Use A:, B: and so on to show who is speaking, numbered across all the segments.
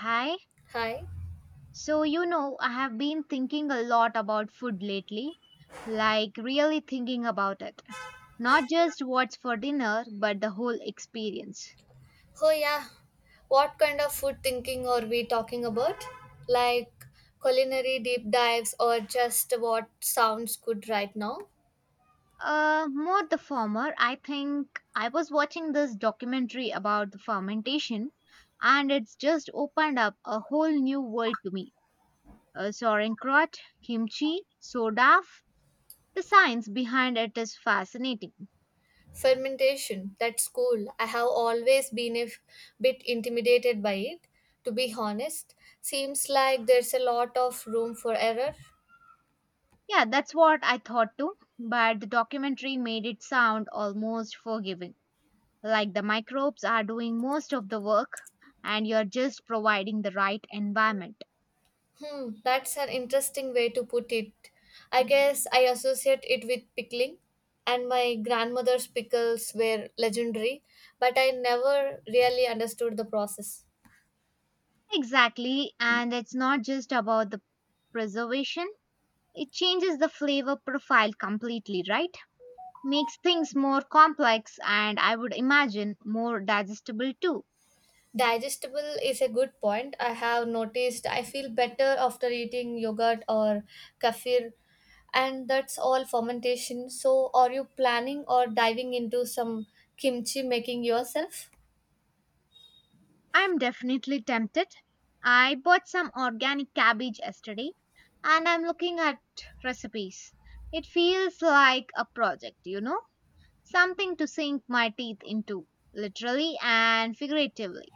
A: Hi.
B: Hi.
A: So, you know, I have been thinking a lot about food lately, like really thinking about it. Not just what's for dinner, but the whole experience.
B: Oh yeah. What kind of food thinking are we talking about? Like culinary deep dives or just what sounds good right now?
A: More the former, I think I was watching this documentary about the fermentation, and it's just opened up a whole new world to me. Sauerkraut, kimchi, soda, the science behind it is fascinating.
B: Fermentation. That's cool. I have always been a bit intimidated by it, to be honest. Seems like there's a lot of room for error.
A: Yeah, that's what I thought too, but the documentary made it sound almost forgiving, like the microbes are doing most of the work and you're just providing the right environment.
B: Hmm, that's an interesting way to put it. I guess I associate it with pickling, and my grandmother's pickles were legendary, but I never really understood the process.
A: Exactly, and it's not just about the preservation, it changes the flavor profile completely, right? Makes things more complex and I would imagine more digestible too.
B: Digestible is a good point. I have noticed I feel better after eating yogurt or kefir, and that's all fermentation. So, are you planning or diving into some kimchi making yourself?
A: I'm definitely tempted. I bought some organic cabbage yesterday and I'm looking at recipes. It feels like a project, you know, something to sink my teeth into, literally and figuratively.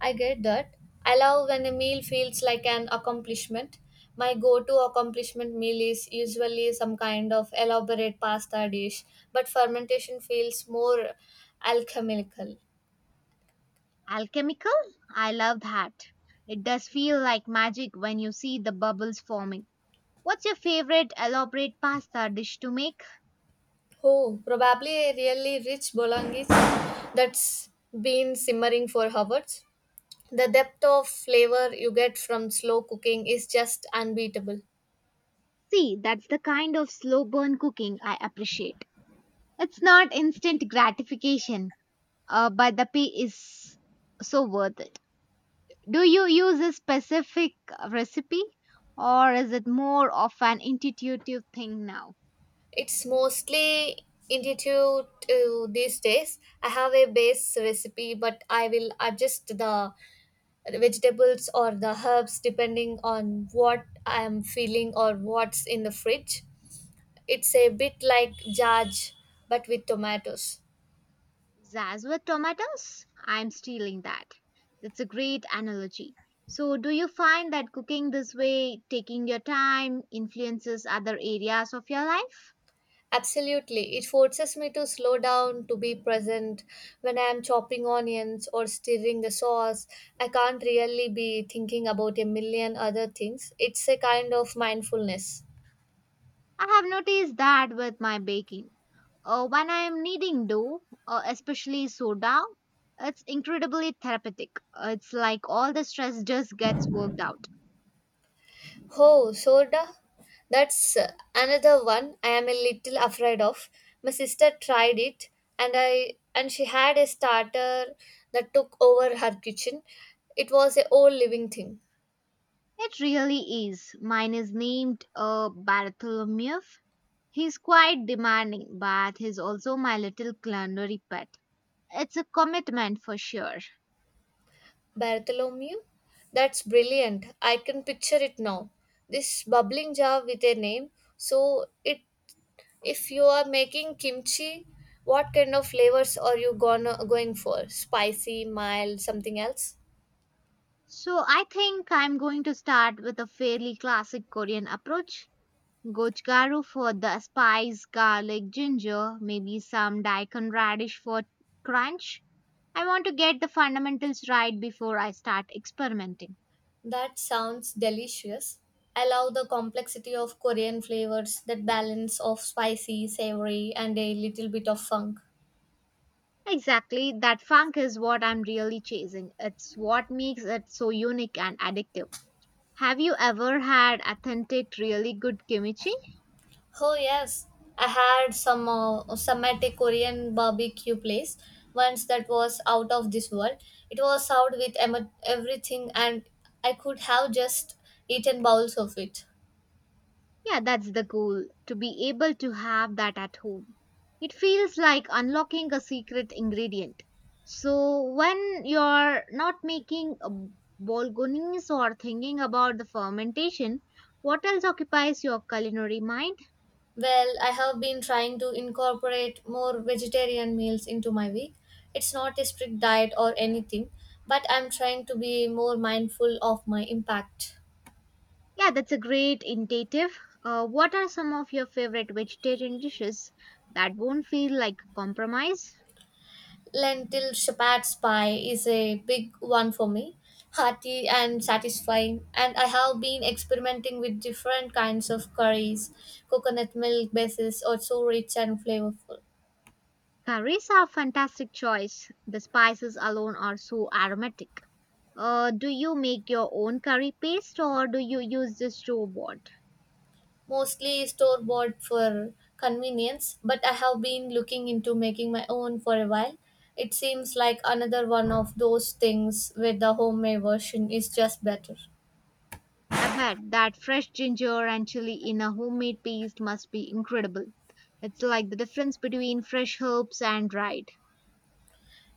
B: I get that. I love when a meal feels like an accomplishment. My go to accomplishment meal is usually some kind of elaborate pasta dish, but fermentation feels more alchemical.
A: Alchemical? I love that. It does feel like magic when you see the bubbles forming. What's your favorite elaborate pasta dish to make?
B: Oh, probably a really rich bolognese that's been simmering for hours. The depth of flavor you get from slow cooking is just unbeatable.
A: See, that's the kind of slow burn cooking I appreciate. It's not instant gratification, but the pay is so worth it. Do you use a specific recipe or is it more of an intuitive thing now?
B: It's mostly intuitive to these days. I have a base recipe, but I will adjust the vegetables or the herbs depending on what I am feeling or what's in the fridge. It's a bit like judge, but with tomatoes.
A: Zaz with tomatoes? I'm stealing that. That's a great analogy. So, do you find that cooking this way, taking your time, influences other areas of your life?
B: Absolutely. It forces me to slow down, to be present. When I am chopping onions or stirring the sauce, I can't really be thinking about a million other things. It's a kind of mindfulness.
A: I have noticed that with my baking. When I am needing dough, especially soda, it's incredibly therapeutic. It's like all the stress just gets worked out.
B: Oh, soda? That's another one I am a little afraid of. My sister tried it and I and she had a starter that took over her kitchen. It was a whole living thing.
A: It really is. Mine is named Bartholomew. He's quite demanding, but he's also my little culinary pet. It's a commitment for sure.
B: Bartholomew? That's brilliant. I can picture it now. This bubbling jar with a name. So it if you are making kimchi, what kind of flavors are you gonna going for? Spicy, mild, something else?
A: So I think I'm going to start with a fairly classic Korean approach, Gochugaru for the spice, garlic, ginger, maybe some daikon radish for crunch. I want to get the fundamentals right before I start experimenting.
B: That sounds delicious. I love the complexity of Korean flavors, that balance of spicy, savory, and a little bit of funk.
A: Exactly, that funk is what I'm really chasing. It's what makes it so unique and addictive. Have you ever had authentic, really good kimchi?
B: Oh yes, I had some at a Korean barbecue place once that was out of this world. It was served with everything, and I could have just eaten bowls of it.
A: Yeah, that's the goal, to be able to have that at home. It feels like unlocking a secret ingredient. So, when you're not making a bolognese or thinking about the fermentation, what else occupies your culinary mind?
B: Well, I have been trying to incorporate more vegetarian meals into my week. It's not a strict diet or anything, but I'm trying to be more mindful of my impact.
A: Yeah, that's a great intuitive. What are some of your favorite vegetarian dishes that won't feel like compromise?
B: Lentil shepherd's pie is a big one for me, hearty and satisfying, and I have been experimenting with different kinds of curries, coconut milk bases or so rich and flavorful.
A: Curries are a fantastic choice. The spices alone are so aromatic. Do you make your own curry paste or do you use the store bought?
B: Mostly store bought for convenience, but I have been looking into making my own for a while. It seems like another one of those things where the homemade version is just better.
A: I bet that fresh ginger and chili in a homemade paste must be incredible. It's like the difference between fresh herbs and dried.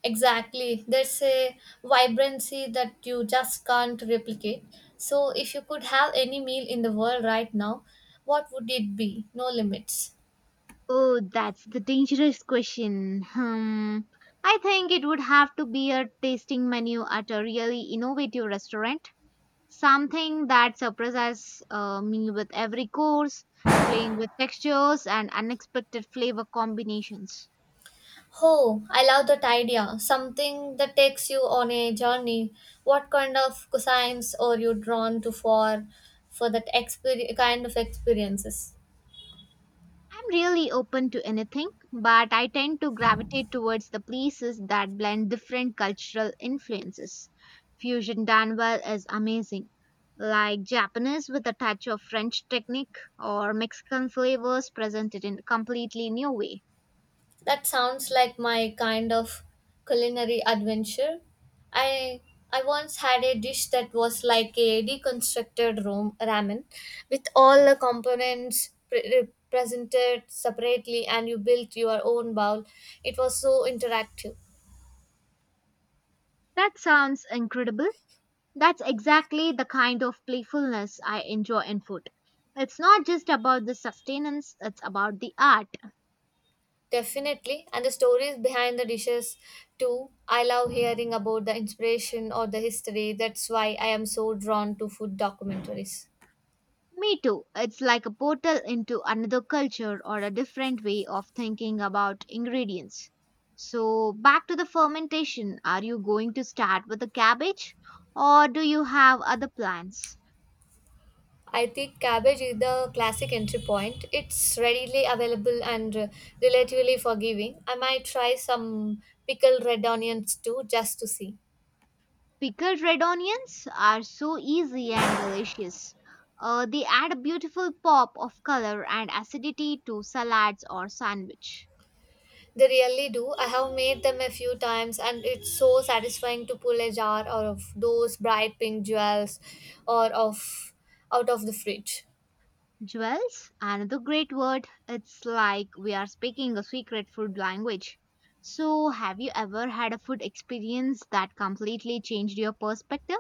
B: Exactly, there's a vibrancy that you just can't replicate. So, if you could have any meal in the world right now, what would it be? No limits.
A: Oh, that's the dangerous question. Hmm. I think it would have to be a tasting menu at a really innovative restaurant. Something that surprises me with every course, playing with textures and unexpected flavor combinations.
B: Oh, I love that idea. Something that takes you on a journey. What kind of cuisines are you drawn to for that kind of experiences?
A: I'm really open to anything, but I tend to gravitate towards the places that blend different cultural influences. Fusion done well is amazing, like Japanese with a touch of French technique or Mexican flavors presented in a completely new way.
B: That sounds like my kind of culinary adventure. I I once had a dish that was like a deconstructed ramen with all the components presented separately and you built your own bowl. It was so interactive.
A: That sounds incredible. That's exactly the kind of playfulness I enjoy in food. It's not just about the sustenance, it's about the art.
B: Definitely. And the stories behind the dishes, too. I love hearing about the inspiration or the history. That's why I am so drawn to food documentaries.
A: Me too. It's like a portal into another culture or a different way of thinking about ingredients. So, back to the fermentation. Are you going to start with the cabbage or do you have other plans?
B: I think cabbage is the classic entry point. It's readily available and relatively forgiving. I might try some pickled red onions too, just to see.
A: Pickled red onions are so easy and delicious. They add a beautiful pop of color and acidity to salads or sandwich.
B: They really do. I have made them a few times, and it's so satisfying to pull a jar of those bright pink jewels or of out of the fridge.
A: Jewels, another great word. It's like we are speaking a secret food language. So, have you ever had a food experience that completely changed your perspective?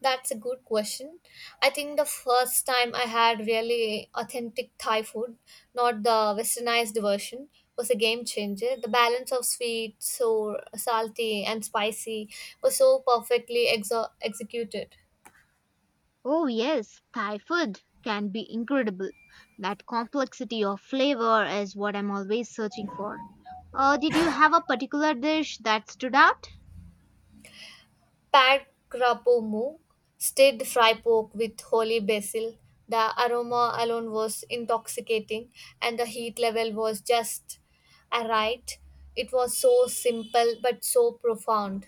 B: That's a good question. I think the first time I had really authentic Thai food, not the westernized version, was a game changer. The balance of sweet, sour, salty, and spicy was so perfectly executed.
A: Oh, yes, Thai food can be incredible. That complexity of flavor is what I'm always searching for. Did you have a particular dish that stood out?
B: Pad krapo mu, stirred fry pork with holy basil. The aroma alone was intoxicating, and the heat level was just right. It was so simple but so profound.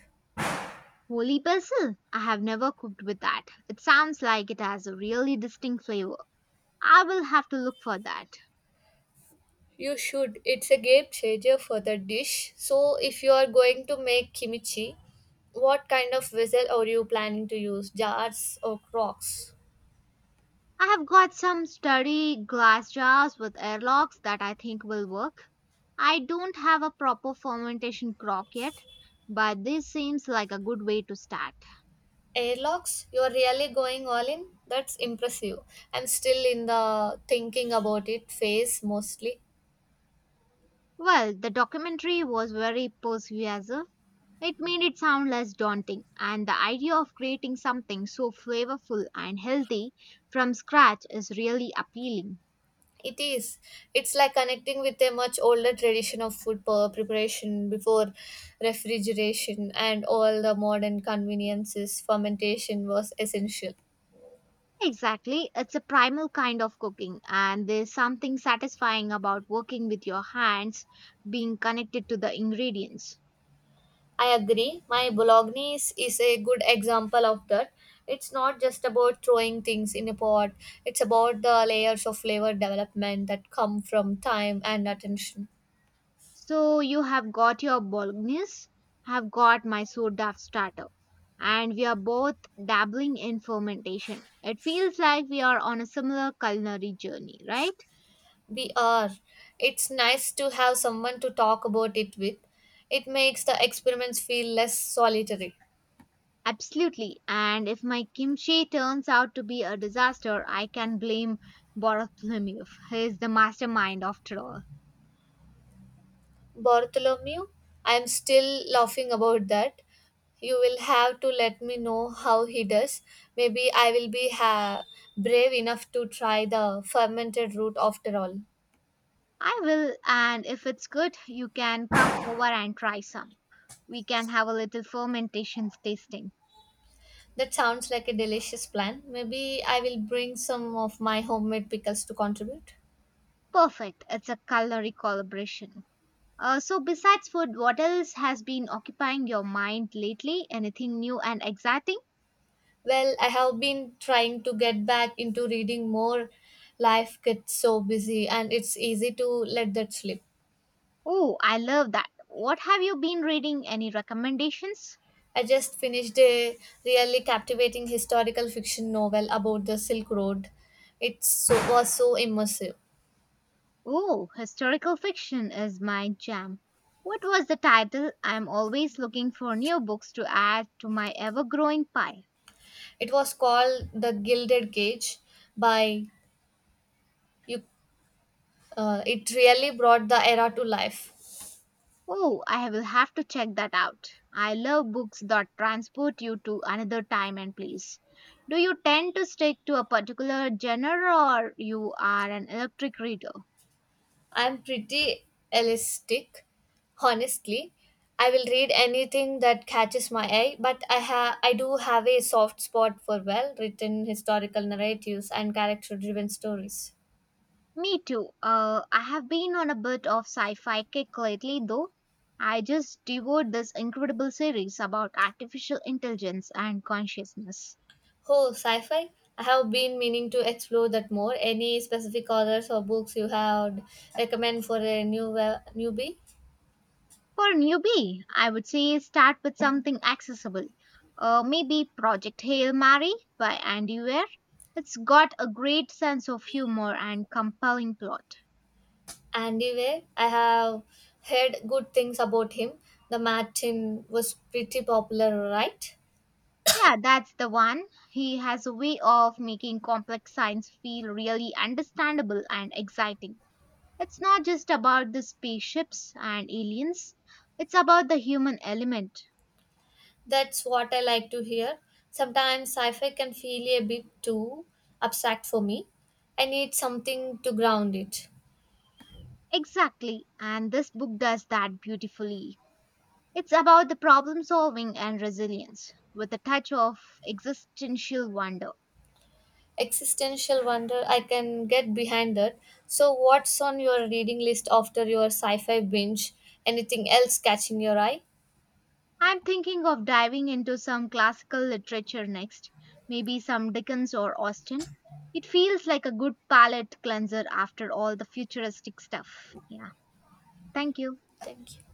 A: Holy basil. I have never cooked with that. It sounds like it has a really distinct flavor. I will have to look for that.
B: You should. It's a game changer for the dish. So, if you are going to make kimchi, what kind of vessel are you planning to use? Jars or crocks?
A: I have got some sturdy glass jars with airlocks that I think will work. I don't have a proper fermentation crock yet, but this seems like a good way to start.
B: Airlocks? You are really going all in? That's impressive. I'm still in the thinking about it phase mostly.
A: Well, the documentary was very persuasive. It made it sound less daunting, and the idea of creating something so flavorful and healthy from scratch is really appealing.
B: It is. It's like connecting with a much older tradition of food preparation before refrigeration and all the modern conveniences. Fermentation was essential.
A: Exactly. It's a primal kind of cooking, and there's something satisfying about working with your hands, being connected to the ingredients.
B: I agree. My Bolognese is a good example of that. It's not just about throwing things in a pot, it's about the layers of flavor development that come from time and attention.
A: So, you have got your bolognese, have got my soda starter, and we are both dabbling in fermentation. It feels like we are on a similar culinary journey, right?
B: We are. It's nice to have someone to talk about it with. It makes the experiments feel less solitary.
A: Absolutely. And if my kimchi turns out to be a disaster, I can blame Borotlemyev. He is the mastermind after all.
B: Bartholomew, I'm still laughing about that. You will have to let me know how he does. Maybe I will be brave enough to try the fermented root after all.
A: I will, and if it's good, you can come over and try some. We can have a little fermentation tasting.
B: That sounds like a delicious plan. Maybe I will bring some of my homemade pickles to contribute.
A: Perfect. It's a culinary collaboration. So, besides food, what else has been occupying your mind lately? Anything new and exciting?
B: Well, I have been trying to get back into reading more. Life gets so busy and it's easy to let that slip.
A: Oh, I love that. What have you been reading? Any recommendations?
B: I just finished a really captivating historical fiction novel about the Silk Road. It so, was so immersive.
A: Oh, historical fiction is my jam. What was the title? I'm always looking for new books to add to my ever growing pile.
B: It was called The Gilded Cage by you. It really brought the era to life.
A: Oh, I will have to check that out. I love books that transport you to another time and place. Do you tend to stick to a particular genre or you are an electric reader?
B: I'm pretty elastic, honestly. I will read anything that catches my eye, but I do have a soft spot for well-written historical narratives and character-driven stories.
A: Me too. I have been on a bit of sci-fi kick lately, though. I just devoured this incredible series about artificial intelligence and consciousness.
B: Oh, sci-fi? I have been meaning to explore that more. Any specific authors or books you have recommend for a newbie?
A: For a newbie, I would say start with something accessible. Maybe Project Hail Mary by Andy Weir. It's got a great sense of humor and compelling plot.
B: Andy Weir. I have heard good things about him. The Martin was pretty popular, right?
A: Yeah, that's the one. He has a way of making complex science feel really understandable and exciting. It's not just about the spaceships and aliens, it's about the human element.
B: That's what I like to hear. Sometimes sci-fi can feel a bit too abstract for me. I need something to ground it.
A: Exactly, and this book does that beautifully. It's about the problem solving and resilience, with a touch of existential wonder.
B: Existential wonder, I can get behind that. So, what's on your reading list after your sci fi binge? Anything else catching your eye?
A: I'm thinking of diving into some classical literature next, maybe some Dickens or Austen. It feels like a good palate cleanser after all the futuristic stuff. Yeah, thank you.
B: Thank you.